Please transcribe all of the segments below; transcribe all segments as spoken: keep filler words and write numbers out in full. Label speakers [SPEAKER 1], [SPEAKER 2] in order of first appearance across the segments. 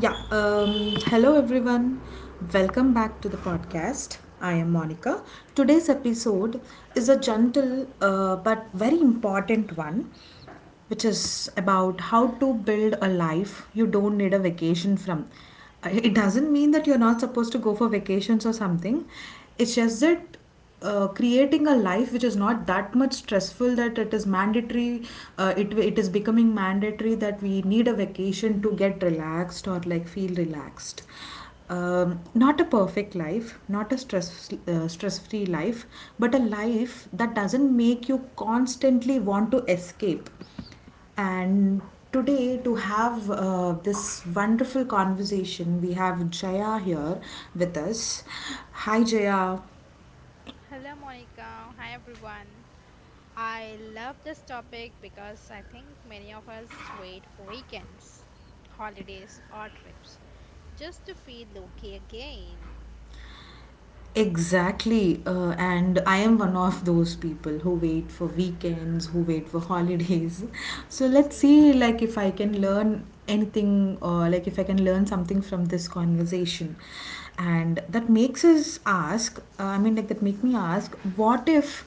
[SPEAKER 1] Yeah, um, Hello everyone. Welcome back to the podcast. I am Monica. Today's episode is a gentle uh, but very important one, which is about how to build a life you don't need a vacation from. Uh, It doesn't mean that you're not supposed to go for vacations or something, it's just that uh, creating a life which is not that much stressful that it is mandatory, uh, it it is becoming mandatory that we need a vacation to get relaxed or like feel relaxed. Um, not a perfect life, not a stress uh, stress free life, but a life that doesn't make you constantly want to escape. And today, to have uh, this wonderful conversation, we have Jaya here with us. Hi, Jaya.
[SPEAKER 2] Hello, Monica. Hi, everyone. I love this topic because I think many of us wait for weekends, holidays, or trips just to feel okay again.
[SPEAKER 1] Exactly. Uh, and I am one of those people who wait for weekends, who wait for holidays. So let's
[SPEAKER 2] Same
[SPEAKER 1] see
[SPEAKER 2] here.
[SPEAKER 1] like if I can learn anything or like if I can learn something from this conversation. And that makes us ask, uh, I mean like that make me ask, what if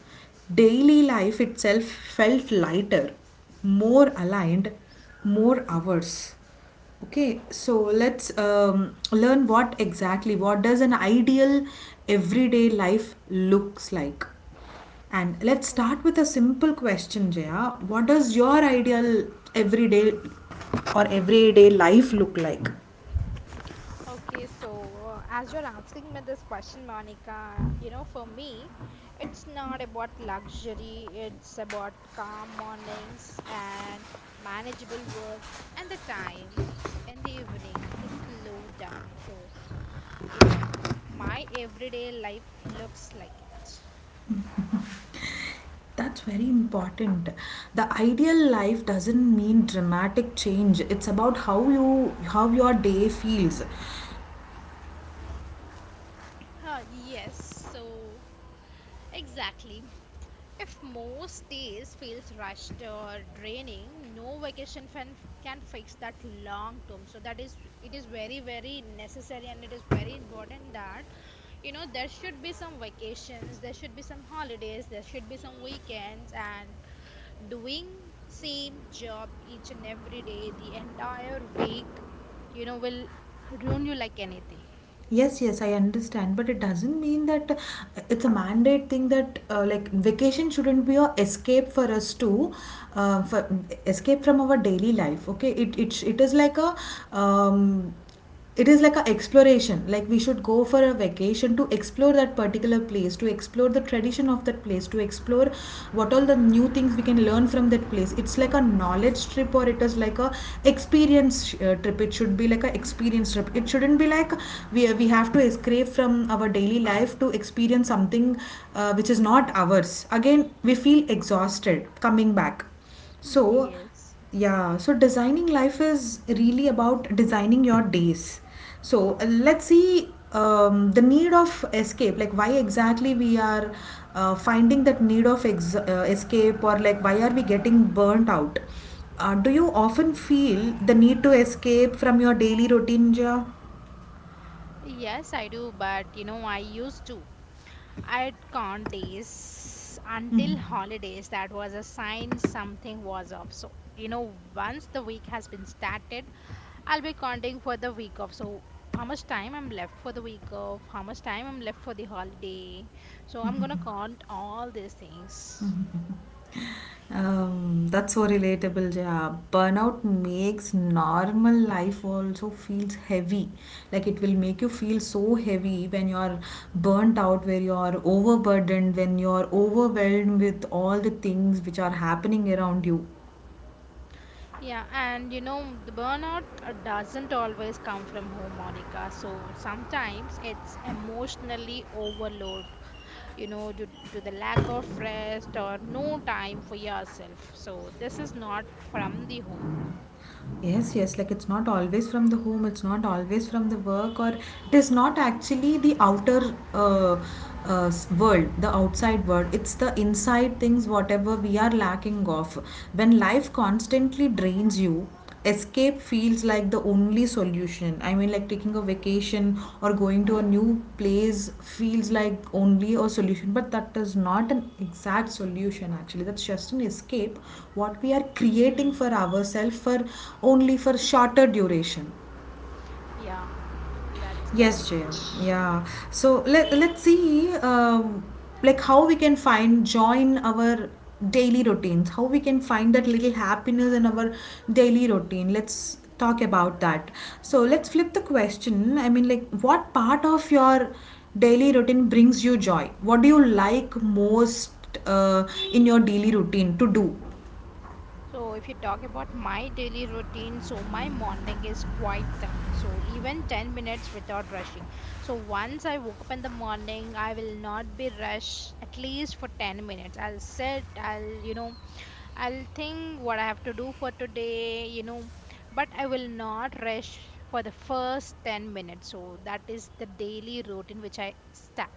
[SPEAKER 1] daily life itself felt lighter, more aligned, more hours? Okay, so let's um, learn what exactly, what does an ideal everyday life looks like? And let's
[SPEAKER 2] Okay,
[SPEAKER 1] start with a simple question, Jaya. What does your ideal everyday or everyday life look like?
[SPEAKER 2] okay, so uh, as you're asking me this question, Monica, you know, for me, it's not about luxury, it's about calm mornings and manageable work and the time in the evening to slow down. So, you know, my everyday life looks like it.
[SPEAKER 1] That's very important. The ideal life doesn't mean dramatic change. It's about how you how your day feels.
[SPEAKER 2] Ah, yes, so exactly. If most days feels rushed or draining, no vacation fan can fix that long term. So that is, it is very very necessary, and it is very important that, you know, there should be some vacations, there should be some holidays, there should be some weekends, and doing same job each and every day the entire week, you know, will ruin you like anything.
[SPEAKER 1] Yes, yes, I understand, but it doesn't mean that uh, it's a mandate thing that uh, like vacation shouldn't be a escape for us to uh, for escape from our daily life. Okay, it it, it is like a um, it is like an exploration. Like we should go for a vacation to explore that particular place, to explore the tradition of that place, to explore what all the new things we can learn from that place. It's like a knowledge trip, or it is like a experience uh, trip. It should be like a experience trip, it shouldn't be like we we have to escape from our daily life to experience something uh, which is not ours. Again we feel exhausted coming back, so,
[SPEAKER 2] Yes.
[SPEAKER 1] yeah, so designing life is really about designing your days. So, uh, let's see, um, the need of escape, like why exactly we are uh, finding that need of ex- uh, escape, or like why are we getting burnt out? Uh, do you often feel the need to escape from your daily routine, Jia?
[SPEAKER 2] Yes, I do, but you know, I used to, I can't days until holidays. That was a sign something was off. So you know, once the week has been started, I'll be counting for the week off. So how much time I'm left for the week off, how much time I'm left for the holiday, so I'm gonna count all these things.
[SPEAKER 1] Um, that's so relatable, yeah. Burnout makes normal life also feels heavy. Like it will make you feel so heavy when you're burnt out, where you're overburdened, when you're overwhelmed with all the things which are happening around you.
[SPEAKER 2] Yeah, and you know, the burnout uh, doesn't always come from home, Monica. So sometimes it's emotionally overload, you know, due to the lack of rest or no time for yourself. So this is not from the home.
[SPEAKER 1] Yes, yes, like it's not always from the home, it's not always from the work, or it is not actually the outer uh, uh, s- world, the outside world. It's the inside things, whatever we are lacking of. When life constantly drains you, escape feels feels like the only solution. I mean, like taking a vacation or going to a new place feels like only a solution, but that is not an exact solution actually. That's just an escape. What we are creating for
[SPEAKER 2] Hmm.
[SPEAKER 1] ourselves for only for shorter duration.
[SPEAKER 2] Yeah, that's correct.
[SPEAKER 1] Yes, Jay. Yeah. So let let's see, um, like how we can find joy in our daily routines. How we can find that little happiness in our daily routine. Let's talk about that. So let's flip the question. I mean, like, what part of your daily routine brings you joy? What do you like most uh, in your daily routine to do?
[SPEAKER 2] So, if you talk about my daily routine, so my morning is quiet time. So, even ten minutes without rushing. So, once I woke up in the morning, I will not be rushed at least for ten minutes. I'll sit, I'll, you know, I'll think what I have to do for today, you know, but I will not rush for the first ten minutes. So, that is the daily routine which I start.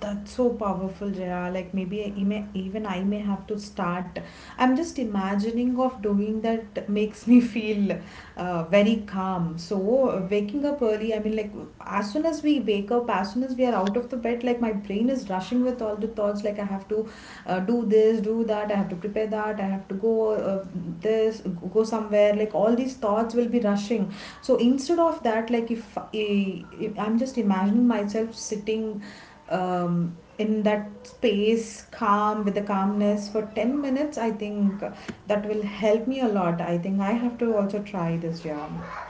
[SPEAKER 1] That's so powerful, Jaya. Like maybe I may, even I may have to start. I'm just imagining of doing that makes me feel uh, very calm. So uh, waking up early, I mean, like as soon as we wake up, as soon as we are out of the bed, like my brain is rushing with all the thoughts. Like I have to uh, do this, do that. I have to prepare that. I have to go uh, this, go somewhere. Like all these thoughts will be rushing. So instead of that, like if I, I'm just imagining myself sitting um, in that space calm with the calmness for ten minutes. I think that will help me a lot. I think I have to also try this. Yeah.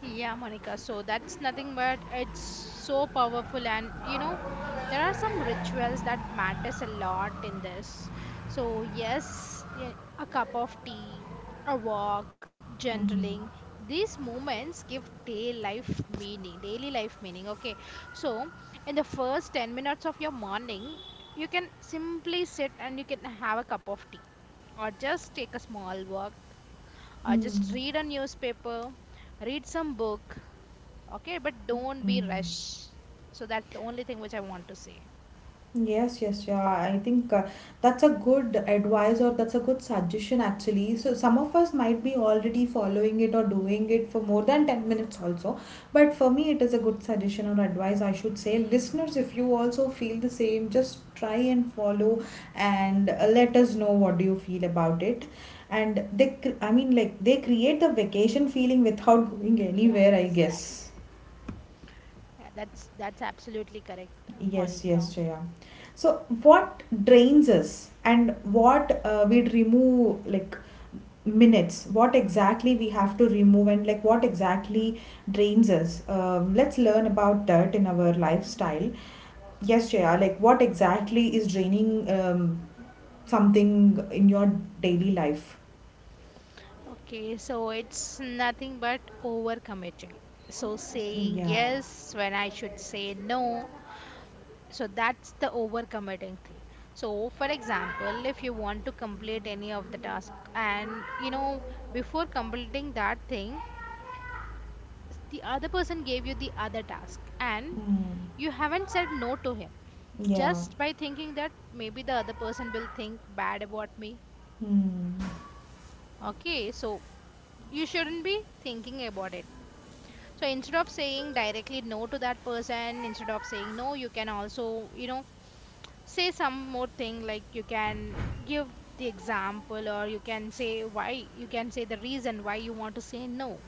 [SPEAKER 2] Yeah, Monica. So that's nothing but it's so powerful, and you know, there are some rituals that matters a lot in this. So yes, y- a cup of tea, a walk, journaling. These moments give day life meaning, daily life meaning. Okay, so in the first ten minutes of your morning, you can simply sit and you can have a cup of tea, or just take a small walk, or just
[SPEAKER 1] Hmm.
[SPEAKER 2] read a newspaper, read some book. Okay, but don't be
[SPEAKER 1] Hmm.
[SPEAKER 2] rushed. So that's the only thing which I want to say.
[SPEAKER 1] Yes, yes, yeah. I think uh, that's a good advice or that's a good suggestion actually. So some of us might be already following it or doing it for more than ten minutes also. But for me, it is a good
[SPEAKER 2] Mm,
[SPEAKER 1] suggestion or advice, I should say. Listeners, if you also feel the same, just try and follow, and uh, let us know what do you feel about it. And they, cr- I mean, like they create the vacation feeling without going
[SPEAKER 2] yeah,
[SPEAKER 1] anywhere, I
[SPEAKER 2] exactly.
[SPEAKER 1] guess.
[SPEAKER 2] Yeah, that's that's absolutely correct, uh,
[SPEAKER 1] Yes,
[SPEAKER 2] Monica.
[SPEAKER 1] yes, Jaya. So, what drains us and what uh, we'd remove, like minutes, what exactly we have to remove, and like what exactly drains us? Um, let's learn about that in our lifestyle. Yes, Jaya, like what exactly is draining um, something in your daily life?
[SPEAKER 2] Okay, so it's nothing but overcommitting. So saying
[SPEAKER 1] Yeah,
[SPEAKER 2] yes when I should say no. So that's the overcommitting thing. So for example, if you want to complete any of the task, and you know, before completing that thing, s- the other person gave you the other task, and you haven't said no to him
[SPEAKER 1] yeah.
[SPEAKER 2] just by thinking that maybe the other person will think bad about me. Okay, so you shouldn't be thinking about it. So instead of saying directly no to that person, instead of saying no, you can also, you know, say some more thing, like you can give the example, or you can say why, you can say the reason why you want to say no.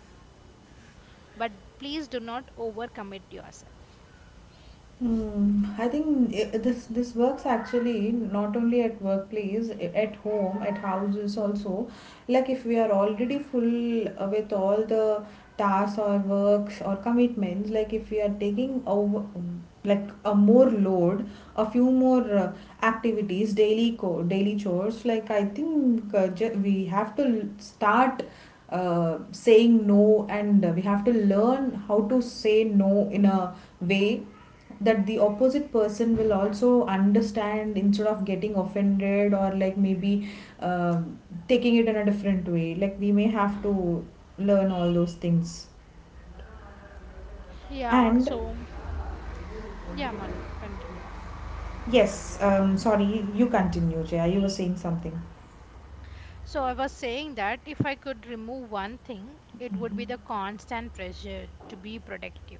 [SPEAKER 2] But please do not overcommit yourself.
[SPEAKER 1] Mm, I think I this this works actually not only at workplace, i- at home, at houses also. Like if we are already full uh, with all the tasks or works or commitments, like if we are taking over um, like a more load, a few more uh, activities, daily co daily chores. Like I think uh, ju- we have to l- start. Uh, saying no, and uh, we have to learn how to say no in a way that the opposite person will also understand instead of getting offended or like maybe um taking it in a different way. Like we may have to learn all those things,
[SPEAKER 2] Yeah,
[SPEAKER 1] and
[SPEAKER 2] so yeah, Monica, continue.
[SPEAKER 1] yes, um sorry, you continue Jaya, you were saying something.
[SPEAKER 2] So I was saying that if I could remove one thing, it would be the constant pressure to be productive.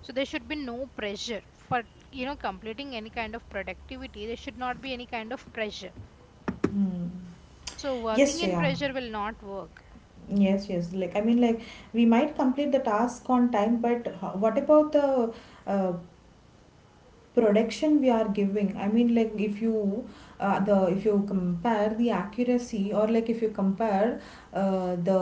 [SPEAKER 2] So there should be no pressure for, you know, completing any kind of productivity. There should not be any kind of pressure.
[SPEAKER 1] Hmm.
[SPEAKER 2] So
[SPEAKER 1] Yes,
[SPEAKER 2] working in
[SPEAKER 1] Jaya,
[SPEAKER 2] pressure will not work.
[SPEAKER 1] yes, yes, like I mean like we might complete the task on time, but ho- what about the uh, production we are giving? I mean like if you uh, the if you compare the accuracy, or like if you compare uh, the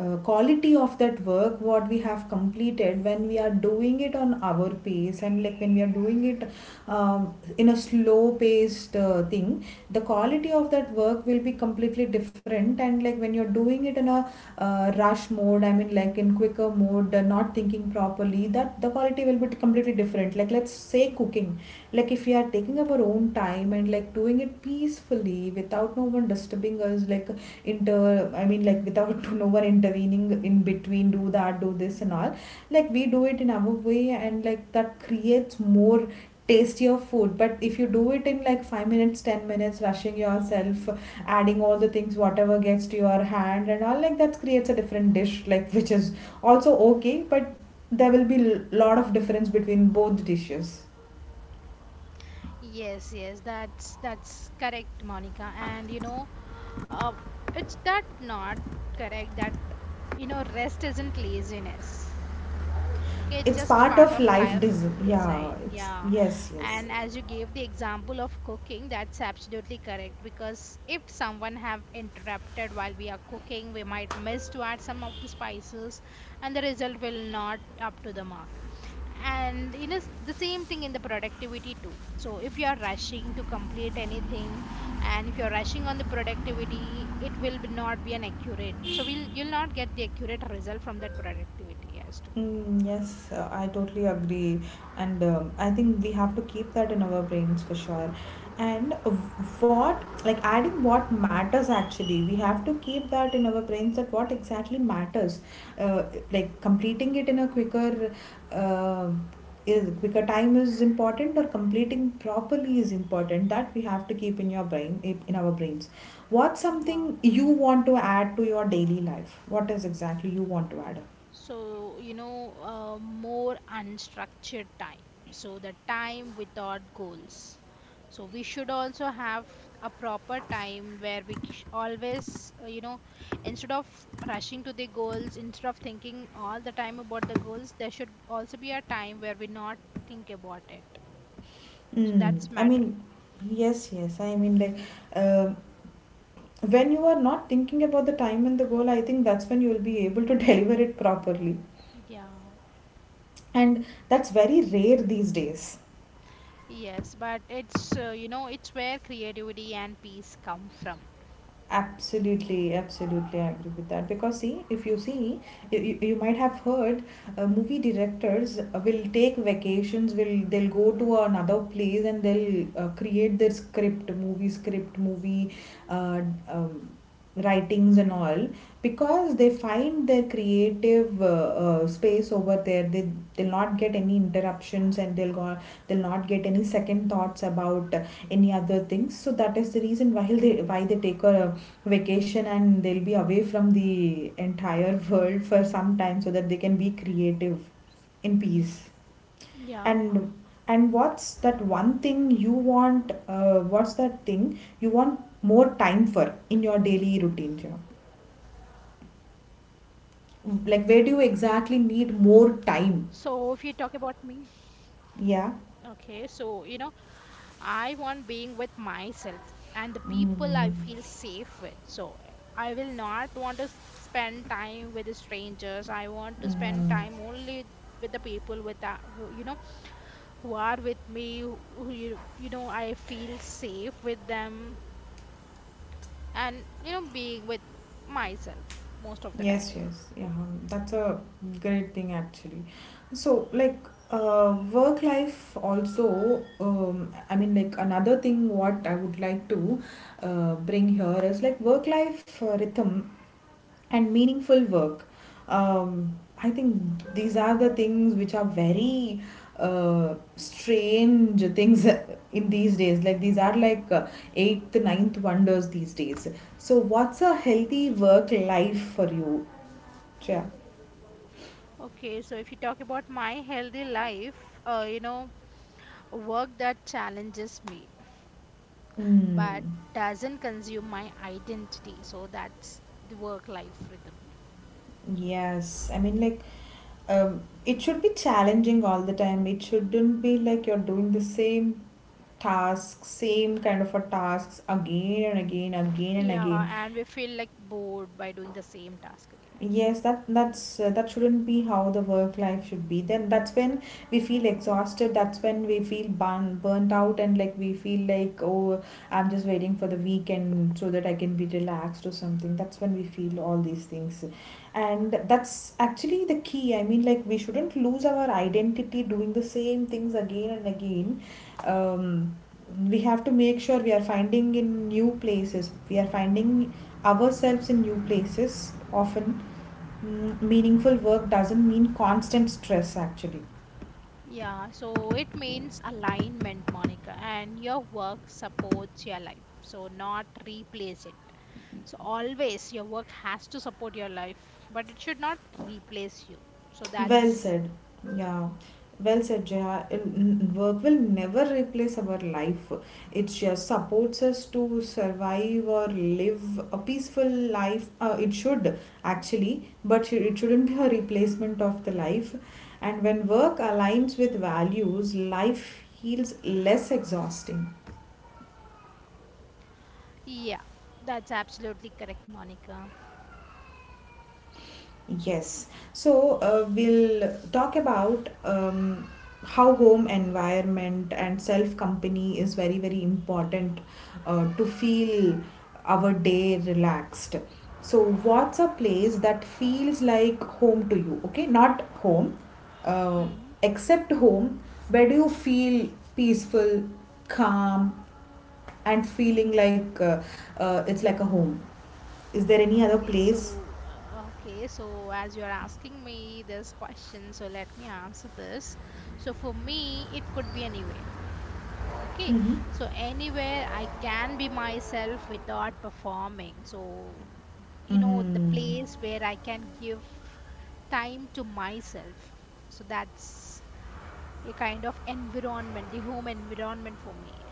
[SPEAKER 1] uh, quality of that work what we have completed when we are doing it on our pace, and like when we are doing it um, in a slow paced uh, thing, the quality of that work will be completely different. And like when you're doing it in a uh, rush mode, I mean like in quicker mode, uh, not thinking properly, that the quality will be completely different. Like let's say cooking, like if we are taking our own time and like doing it peacefully without no one disturbing us, like inter I mean like without no one intervening in between, do that, do this and all, like we do it in our way, and like that creates more tastier food. But if you do it in like five minutes, ten minutes, rushing yourself, adding all the things whatever gets to your hand and all, like that creates a different dish, like which is also okay, but there will be l- lot of difference between both dishes.
[SPEAKER 2] Yes, yes, that's that's correct, Monica. And you know, uh, it's that not correct that, you know, rest isn't laziness. Okay,
[SPEAKER 1] It's
[SPEAKER 2] just
[SPEAKER 1] part
[SPEAKER 2] part
[SPEAKER 1] of
[SPEAKER 2] of
[SPEAKER 1] life
[SPEAKER 2] life
[SPEAKER 1] dis
[SPEAKER 2] design.
[SPEAKER 1] yeah it's,
[SPEAKER 2] Yeah.
[SPEAKER 1] yes, yes.
[SPEAKER 2] And as you gave the example of cooking, that's absolutely correct because if someone have interrupted while we are cooking, we might miss to add some of the spices, and the result will not up to the mark. And you know, s- the same thing in the productivity too. So if you are rushing to complete anything, and if you're rushing on the productivity, it will be not be an accurate. So we'll you'll not get the accurate result from that productivity as
[SPEAKER 1] Mm, yes, uh, I totally agree, and um, I think we have to keep that in our brains for sure. And what, like adding what matters actually, we have to keep that in our brains that what exactly matters, uh, like completing it in a quicker, uh, is quicker time is important, or completing properly is important. That we have to keep in your brain, in in our brains. What's something
[SPEAKER 2] to.
[SPEAKER 1] you want to add to your daily life? What is exactly you want to add?
[SPEAKER 2] So, you know, uh, more unstructured time. So, the time without goals. So, we should also have a proper time where we sh- always, uh, you know, instead of rushing to the goals, instead of thinking all the time about the goals, there should also be a time where we not think about it. So,
[SPEAKER 1] Mm,
[SPEAKER 2] that's
[SPEAKER 1] I
[SPEAKER 2] matter.
[SPEAKER 1] mean, yes, yes. I mean, like, um when you are not thinking about the time and the goal, I think that's when you will be able to deliver it properly.
[SPEAKER 2] Yeah.
[SPEAKER 1] And that's very rare these days.
[SPEAKER 2] Yes, but it's, uh, you know, it's where creativity and peace come from.
[SPEAKER 1] Absolutely, absolutely, I agree with that. Because, see, if you see, you, you, you might have heard uh, movie directors uh, will take vacations, will they'll go to another place and they'll uh, create their script, movie script, movie uh, um, writings and all, because they find their creative uh, uh, space over there. They they'll not get any interruptions, and they'll go, they'll not get any second thoughts about uh, any other things. So that is the reason why they why they take a vacation, and they'll be away from the entire world for some time so that they can be creative in peace.
[SPEAKER 2] Yeah.
[SPEAKER 1] and and what's that one thing you want, uh, what's that thing you want more time for in your daily routine, Jia? Like where do you exactly
[SPEAKER 2] So,
[SPEAKER 1] need
[SPEAKER 2] if you
[SPEAKER 1] more
[SPEAKER 2] talk about
[SPEAKER 1] time?
[SPEAKER 2] me, okay,
[SPEAKER 1] Yeah.
[SPEAKER 2] so you know, I want being with myself and the people I feel safe with. So eh, I will not want to s- spend time with the strangers. I want to spend time only with the people with that, you know, who are with me, who who you, you know, I feel safe with them, and you know, being with myself most of the time.
[SPEAKER 1] Yes, yes. Yeah. um, That's a great thing actually. So like uh, work life also, um, I mean like another thing what I would like to uh, bring here is like work life uh, rhythm and meaningful work. Um, I think these are the things which are very uh, strange things in these days. Like these are like uh, eighth, ninth wonders these days. So, what's a healthy work life for you? Shreya?
[SPEAKER 2] Okay, so if you talk about my healthy life, uh, you know, work that challenges me but
[SPEAKER 1] Mm,
[SPEAKER 2] doesn't consume my identity. So that's the work life rhythm.
[SPEAKER 1] yes, I mean, like, um, it should be challenging all the time. It shouldn't be like you're doing the same task, same kind of a tasks again and again, again and
[SPEAKER 2] Yeah,
[SPEAKER 1] again
[SPEAKER 2] and we feel like bored by doing the same task again.
[SPEAKER 1] Yes, that that's uh, that shouldn't be how the work life should be. Then that's when we feel
[SPEAKER 2] Mhm.
[SPEAKER 1] exhausted. That's when we feel burn, burnt out, and like we feel like, oh, I'm just waiting for the weekend so that I can be relaxed or something. That's when we feel all these things, and that's actually the key. I mean, like we shouldn't lose our identity doing the same things again and again. Um, we have to make sure we are finding in new places. We are finding ourselves in new places often. Mm, meaningful work doesn't mean constant stress actually.
[SPEAKER 2] Yeah, so it means alignment, Monica, and your work supports your life, so not replace it. So always your work has to support your life, but it should not replace you. So
[SPEAKER 1] Well
[SPEAKER 2] that's,
[SPEAKER 1] said. Yeah, well said, Jaya. N- work will never replace our life, it just supports us to survive or live a peaceful life. Uh, it should actually, but sh- it shouldn't be a replacement of the life. And when work aligns with values, life feels less exhausting.
[SPEAKER 2] yeah, that's absolutely correct, Monica.
[SPEAKER 1] Yes. So uh, we'll talk about um, how home environment and self company is very, very important uh, to feel our day relaxed. So, what's a place that feels like home to you? Okay, not home, uh,
[SPEAKER 2] Hmm.
[SPEAKER 1] except home, where do you feel peaceful, calm, and feeling like uh, uh, it's like a home? Is there any other
[SPEAKER 2] Okay,
[SPEAKER 1] place?
[SPEAKER 2] so uh, okay, so as you're asking me this question, so let me answer this. So for me, it could be anywhere. Okay,
[SPEAKER 1] Hmm.
[SPEAKER 2] so anywhere I can be myself without performing. So, you know, the
[SPEAKER 1] Mm.
[SPEAKER 2] place where I can give time to myself. So that's a kind of environment, the home environment for me.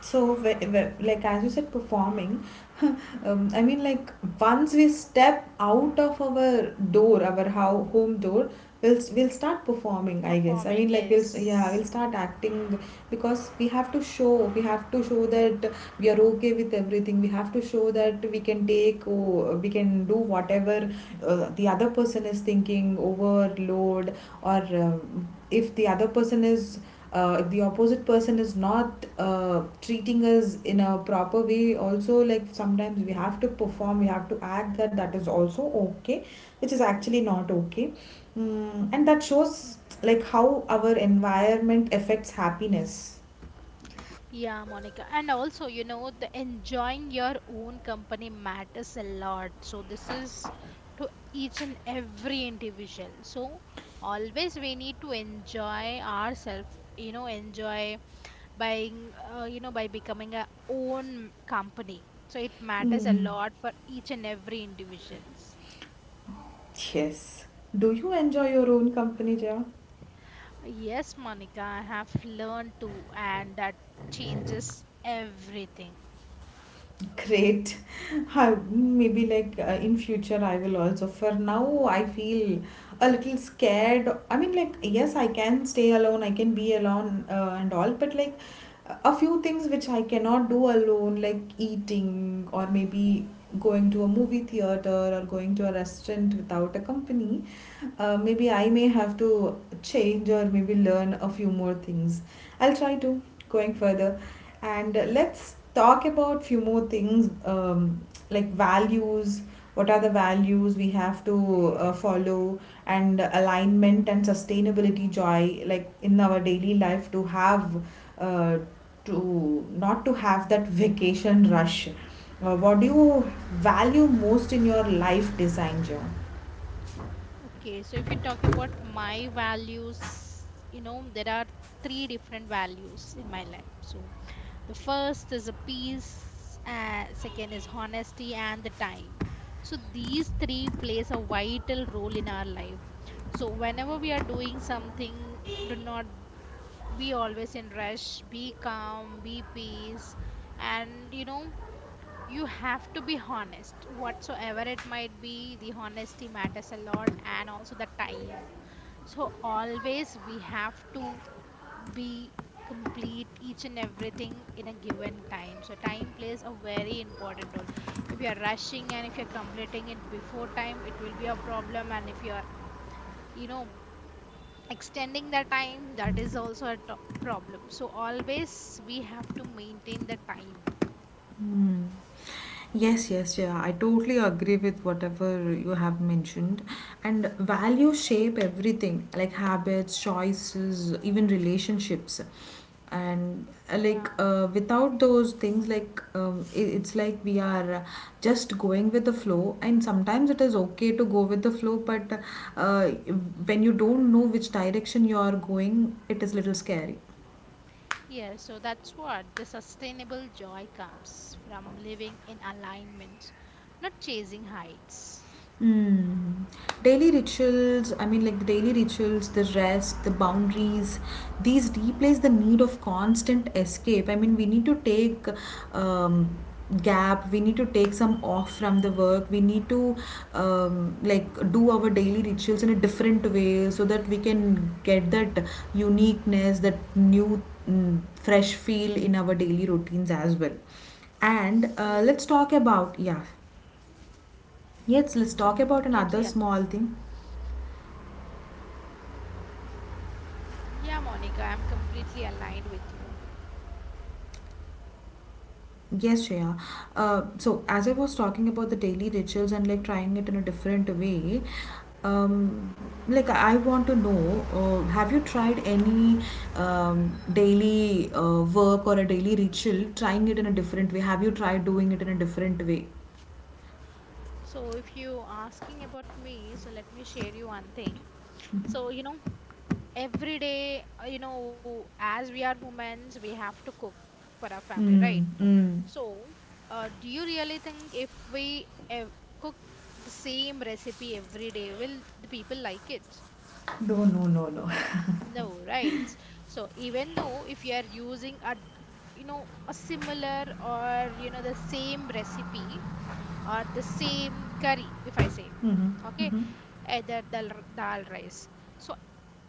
[SPEAKER 1] So, wh- wh- like as you said, performing. Um, I mean, like once we step out of our door, our how home door, we'll s- we'll start performing, I guess. I
[SPEAKER 2] Performing,
[SPEAKER 1] mean, like we'll s- yeah,
[SPEAKER 2] yes.
[SPEAKER 1] we'll start acting because we have to show we have to show that we are okay with everything. We have to show that we can take oh, we can do whatever uh, the other person is thinking, overload, or um, if the other person is uh, if the opposite person is not uh, treating us in a proper way also, like sometimes we have to perform, we have to act that that is also okay, which is actually not okay. Mm, and that shows like how our environment affects happiness.
[SPEAKER 2] Yeah, Monica. And also, you know, the enjoying your own company matters a lot. So this is to each and every individual. So always we need to enjoy ourselves, you know, enjoy by, uh, you know, by becoming a own company. So it matters a
[SPEAKER 1] Mm.
[SPEAKER 2] lot for each and every individuals.
[SPEAKER 1] Yes, do you enjoy your own company, Jaya?
[SPEAKER 2] Yes, Monica, I have learned to, and that changes everything.
[SPEAKER 1] Great. Huh, maybe like uh, in future I will also. For now, I feel a little scared. I mean, like yes, I can stay alone. I can be alone uh, and all. But like a few things which I cannot do alone, like eating, or maybe going to a movie theater, or going to a restaurant without a company. Uh, maybe I may have to change or maybe learn a few more things. I'll try to going further, and uh, let's talk about few more things, um, like values. What are the values we have to uh, follow, and alignment and sustainability, joy, like in our daily life, to have uh, to not to have that vacation rush. Uh, what do you value most in your life design, Joy?
[SPEAKER 2] Okay, so if you talk about my values, you know, there are three different values in my life. So the first is a peace, uh, second is honesty, and the time. So these three plays a vital role in our life. So whenever we are doing something, do not be always in rush, be calm, be peace, and you know, you have to be honest whatsoever it might be. The honesty matters a lot, and also the time. So always we have to be complete each and everything in a given time. So time plays a very important role. If you are rushing and if you're completing it before time, it will be a problem, and if you are, you know, extending the time, that is also a to- problem. So always we have to maintain the time.
[SPEAKER 1] Yes, yes, yeah. I totally agree with whatever you have mentioned. And values shape everything, like habits, choices, even relationships. And uh, like
[SPEAKER 2] Yeah.
[SPEAKER 1] uh, without those things, like um, it, it's like we are just going with the flow. And sometimes it is okay to go with the flow, but uh, when you don't know which direction you are going, it is little scary.
[SPEAKER 2] Yeah, so that's what the sustainable joy comes from, living in alignment, not chasing heights.
[SPEAKER 1] Mm. Daily rituals, I mean, like the daily rituals, the rest, the boundaries, these replace the need of constant escape. I mean, we need to take um, gap, we need to take some off from the
[SPEAKER 2] Spring.
[SPEAKER 1] work, we need to um, like do our daily rituals in a different way so that we can get that uniqueness, that new, mm, fresh feel in our daily routines as well. And uh,
[SPEAKER 2] Yeah,
[SPEAKER 1] let's talk about, yeah. Yes, let's
[SPEAKER 2] so I'm
[SPEAKER 1] talk about
[SPEAKER 2] completely
[SPEAKER 1] another
[SPEAKER 2] aligned.
[SPEAKER 1] small thing.
[SPEAKER 2] Yeah, Monica, I'm completely aligned with you.
[SPEAKER 1] Yes, Shreya. Uh, so as I was talking about the daily rituals and like trying it in a different way, um, like I want to know, uh, have you tried any um, daily uh, work or a daily ritual, trying it in a different way? Have you tried doing it in a different way?
[SPEAKER 2] So, if you asking about me, so let me share you one thing. So, you know, every day, uh, you know, as we are women, we have to cook for our family, right?
[SPEAKER 1] Mm, mm.
[SPEAKER 2] So, uh, do you really think if we ev cook the same recipe every day, will the people like it?
[SPEAKER 1] No, no, no, no.
[SPEAKER 2] No, right? So, even though if you are using a, you know, a similar or, you know, the same recipe or the same curry, if I say, okay, either dal, r- dal rice. So,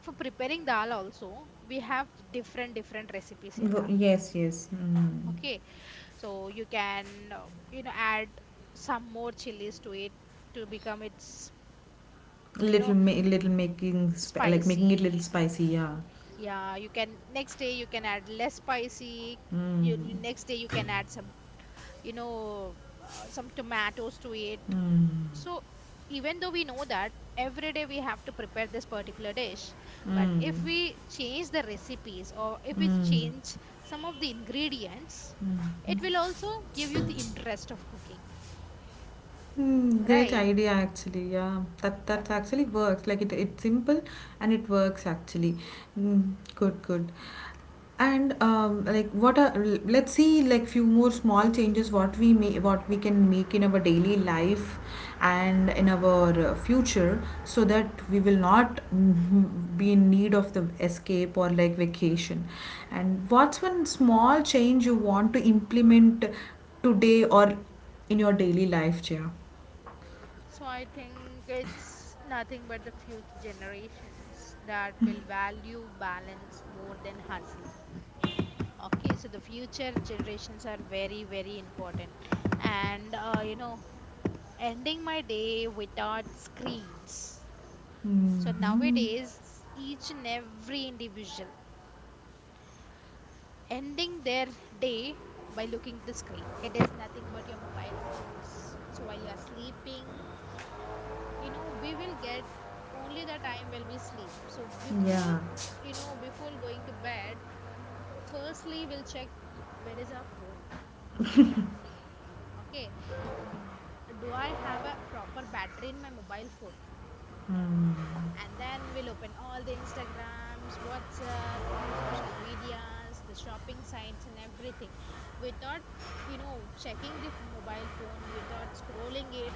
[SPEAKER 2] for preparing dal also, we have different different recipes in
[SPEAKER 1] Wo-
[SPEAKER 2] dal.
[SPEAKER 1] yes, yes. Mm.
[SPEAKER 2] Okay, so you can, uh, you know, add some more chilies to it to become its, you
[SPEAKER 1] Little,
[SPEAKER 2] know,
[SPEAKER 1] ma- little making, sp- like making it
[SPEAKER 2] spicy.
[SPEAKER 1] little spicy. Yeah.
[SPEAKER 2] Yeah, you can, next day you can add less spicy. You you-
[SPEAKER 1] Mm.
[SPEAKER 2] next day you can add some, you know, uh, some tomatoes to it. So even though we know that every day we have to prepare this particular dish, but if we change the recipes, or if we change some of the ingredients, it will also give you the interest of cooking,
[SPEAKER 1] Hmm, great
[SPEAKER 2] right?
[SPEAKER 1] idea actually. Yeah, that that actually works. Like it, it's simple and it works actually. Mm, good, good. And um, like what are l- let's see like few more small changes what we may what we can make in our daily life and in our uh, future so that we will not mm, be in need of the escape or like vacation. And what's one small change you want to implement today or in your daily life, Jaya?
[SPEAKER 2] So I think it's nothing but the future generations that will value balance more than hustle. Okay, so the future generations are very, very important. And, uh, you know, ending my day without screens. So nowadays, each and every individual ending their day by looking at the screen. It is nothing but your mobile phones. So while you are sleeping, you know, we will get only the time when we sleep. So before,
[SPEAKER 1] Yeah.
[SPEAKER 2] you know, before going to bed, firstly we'll check where is our phone. Okay, N- do I have a proper battery in my mobile phone? And then we'll open all the instagrams, whatsapp, all the social medias, the shopping sites, and everything. Without, you know, checking the f- mobile phone, without scrolling it,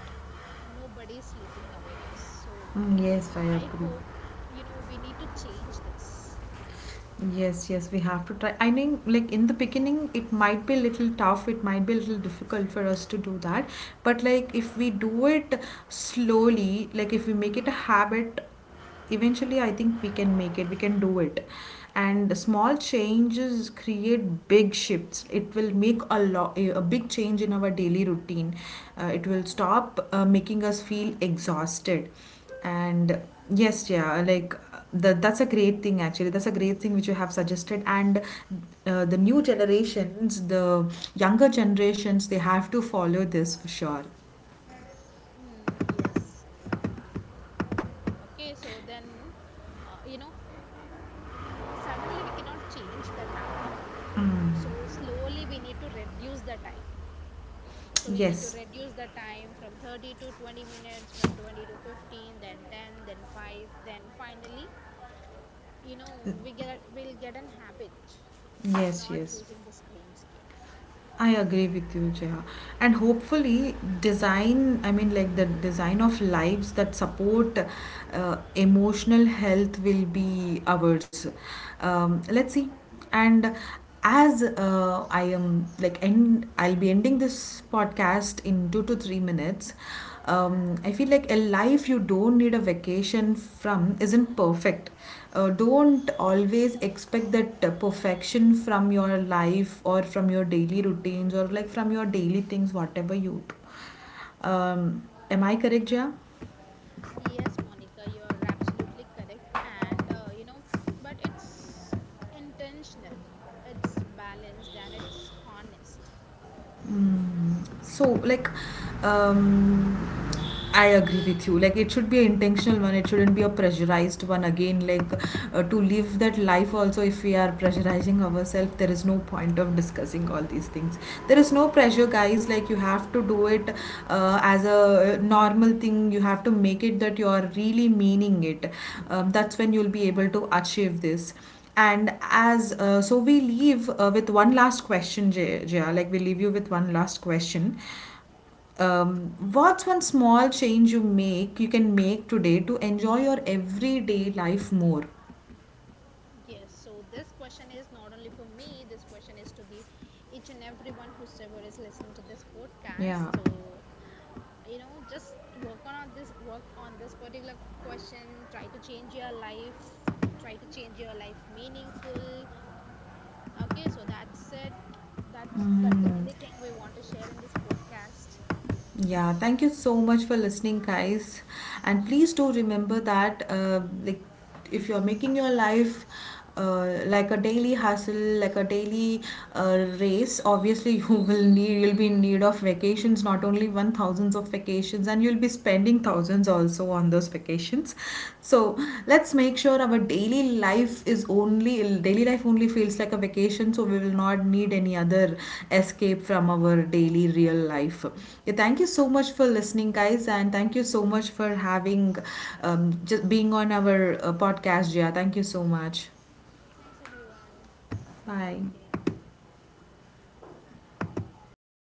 [SPEAKER 2] nobody's sleeping nowadays. So
[SPEAKER 1] Mm, yes, I
[SPEAKER 2] I
[SPEAKER 1] agree.
[SPEAKER 2] hope, you know, we need to change this.
[SPEAKER 1] Yes, yes, we have to try. I think, like in the beginning, it might be a little tough. It might be a little difficult for us to do that. But like if we do it slowly, like if we make it a habit, eventually I think we can make it, we can do it. And small changes create big shifts, it will make a lot a big change in our daily routine. Uh, it will stop uh, making us feel exhausted. And yes, yeah, like the, that's a great thing actually, that's a great thing which you have suggested. And uh, the new generations, the younger generations, they have to follow this for sure.
[SPEAKER 2] Hmm, yes. Okay, so then, uh, you know, uh, mm, suddenly we cannot change that habit. So slowly we need to reduce the time. So we need to
[SPEAKER 1] yes
[SPEAKER 2] reduce the time from thirty to twenty minutes, from twenty to fifteen, then ten, then five, then finally, you know, we get we'll get an habit of
[SPEAKER 1] yes
[SPEAKER 2] not
[SPEAKER 1] yes,
[SPEAKER 2] using the screens again.
[SPEAKER 1] I agree with you, Jaya. And hopefully, design, I mean, like the design of lives that support uh, emotional health will be ours. Um, let's see. And as uh, I am like, end, I'll be ending this podcast in two to three minutes. um, I feel like a life you don't need a vacation from isn't perfect. Uh, don't always expect that uh, perfection from your life or from your daily routines or like from your daily things, whatever you do. Um, am I correct,
[SPEAKER 2] Yeah.
[SPEAKER 1] Jia?
[SPEAKER 2] Yes, Monica, you are absolutely correct. And, uh, you know, but it's intentional, it's balanced, and it's honest.
[SPEAKER 1] Mm. So, like, um, I agree with you. Like it should be an intentional one. It shouldn't be a pressurized one. Again, like uh, to live that life also, if we are pressurizing ourselves, there is no point of discussing all these things. There is no pressure, guys. Like you have to do it uh, as a uh, normal thing. You have to make it that you are really meaning it. Um, that's when you'll be able to achieve this. And as
[SPEAKER 2] Yes.
[SPEAKER 1] uh, so, we leave uh, with one last question, Jaya. Jaya. Like we leave you with one last question. Um, what's one small change you make you can make today to enjoy your everyday life more?
[SPEAKER 2] Yes, so this question is not only for me, this question is to the each and everyone whosoever is listening to this podcast.
[SPEAKER 1] Yeah.
[SPEAKER 2] So, you know, just work on this work on this particular question, try to change your life, try to change your life meaningful. Okay, so that's it. That's that's the only thing we want to share in this podcast.
[SPEAKER 1] Yeah, thank you so much for listening, guys. And please do remember that, uh, like, if you're making your life uh, like a daily hustle, like a daily uh, race, obviously you will need, you'll be in need of vacations, not only one, thousands of vacations, and you'll be spending thousands also on those vacations. So let's make sure our daily life is only daily life only feels like a vacation so we will not need any other escape from our daily real life. Yeah, thank you so much for listening, guys, and thank you so much for having um, just being on our uh, podcast. Yeah, thank you so much.
[SPEAKER 2] Thanks everyone. Have a great day.
[SPEAKER 1] Bye.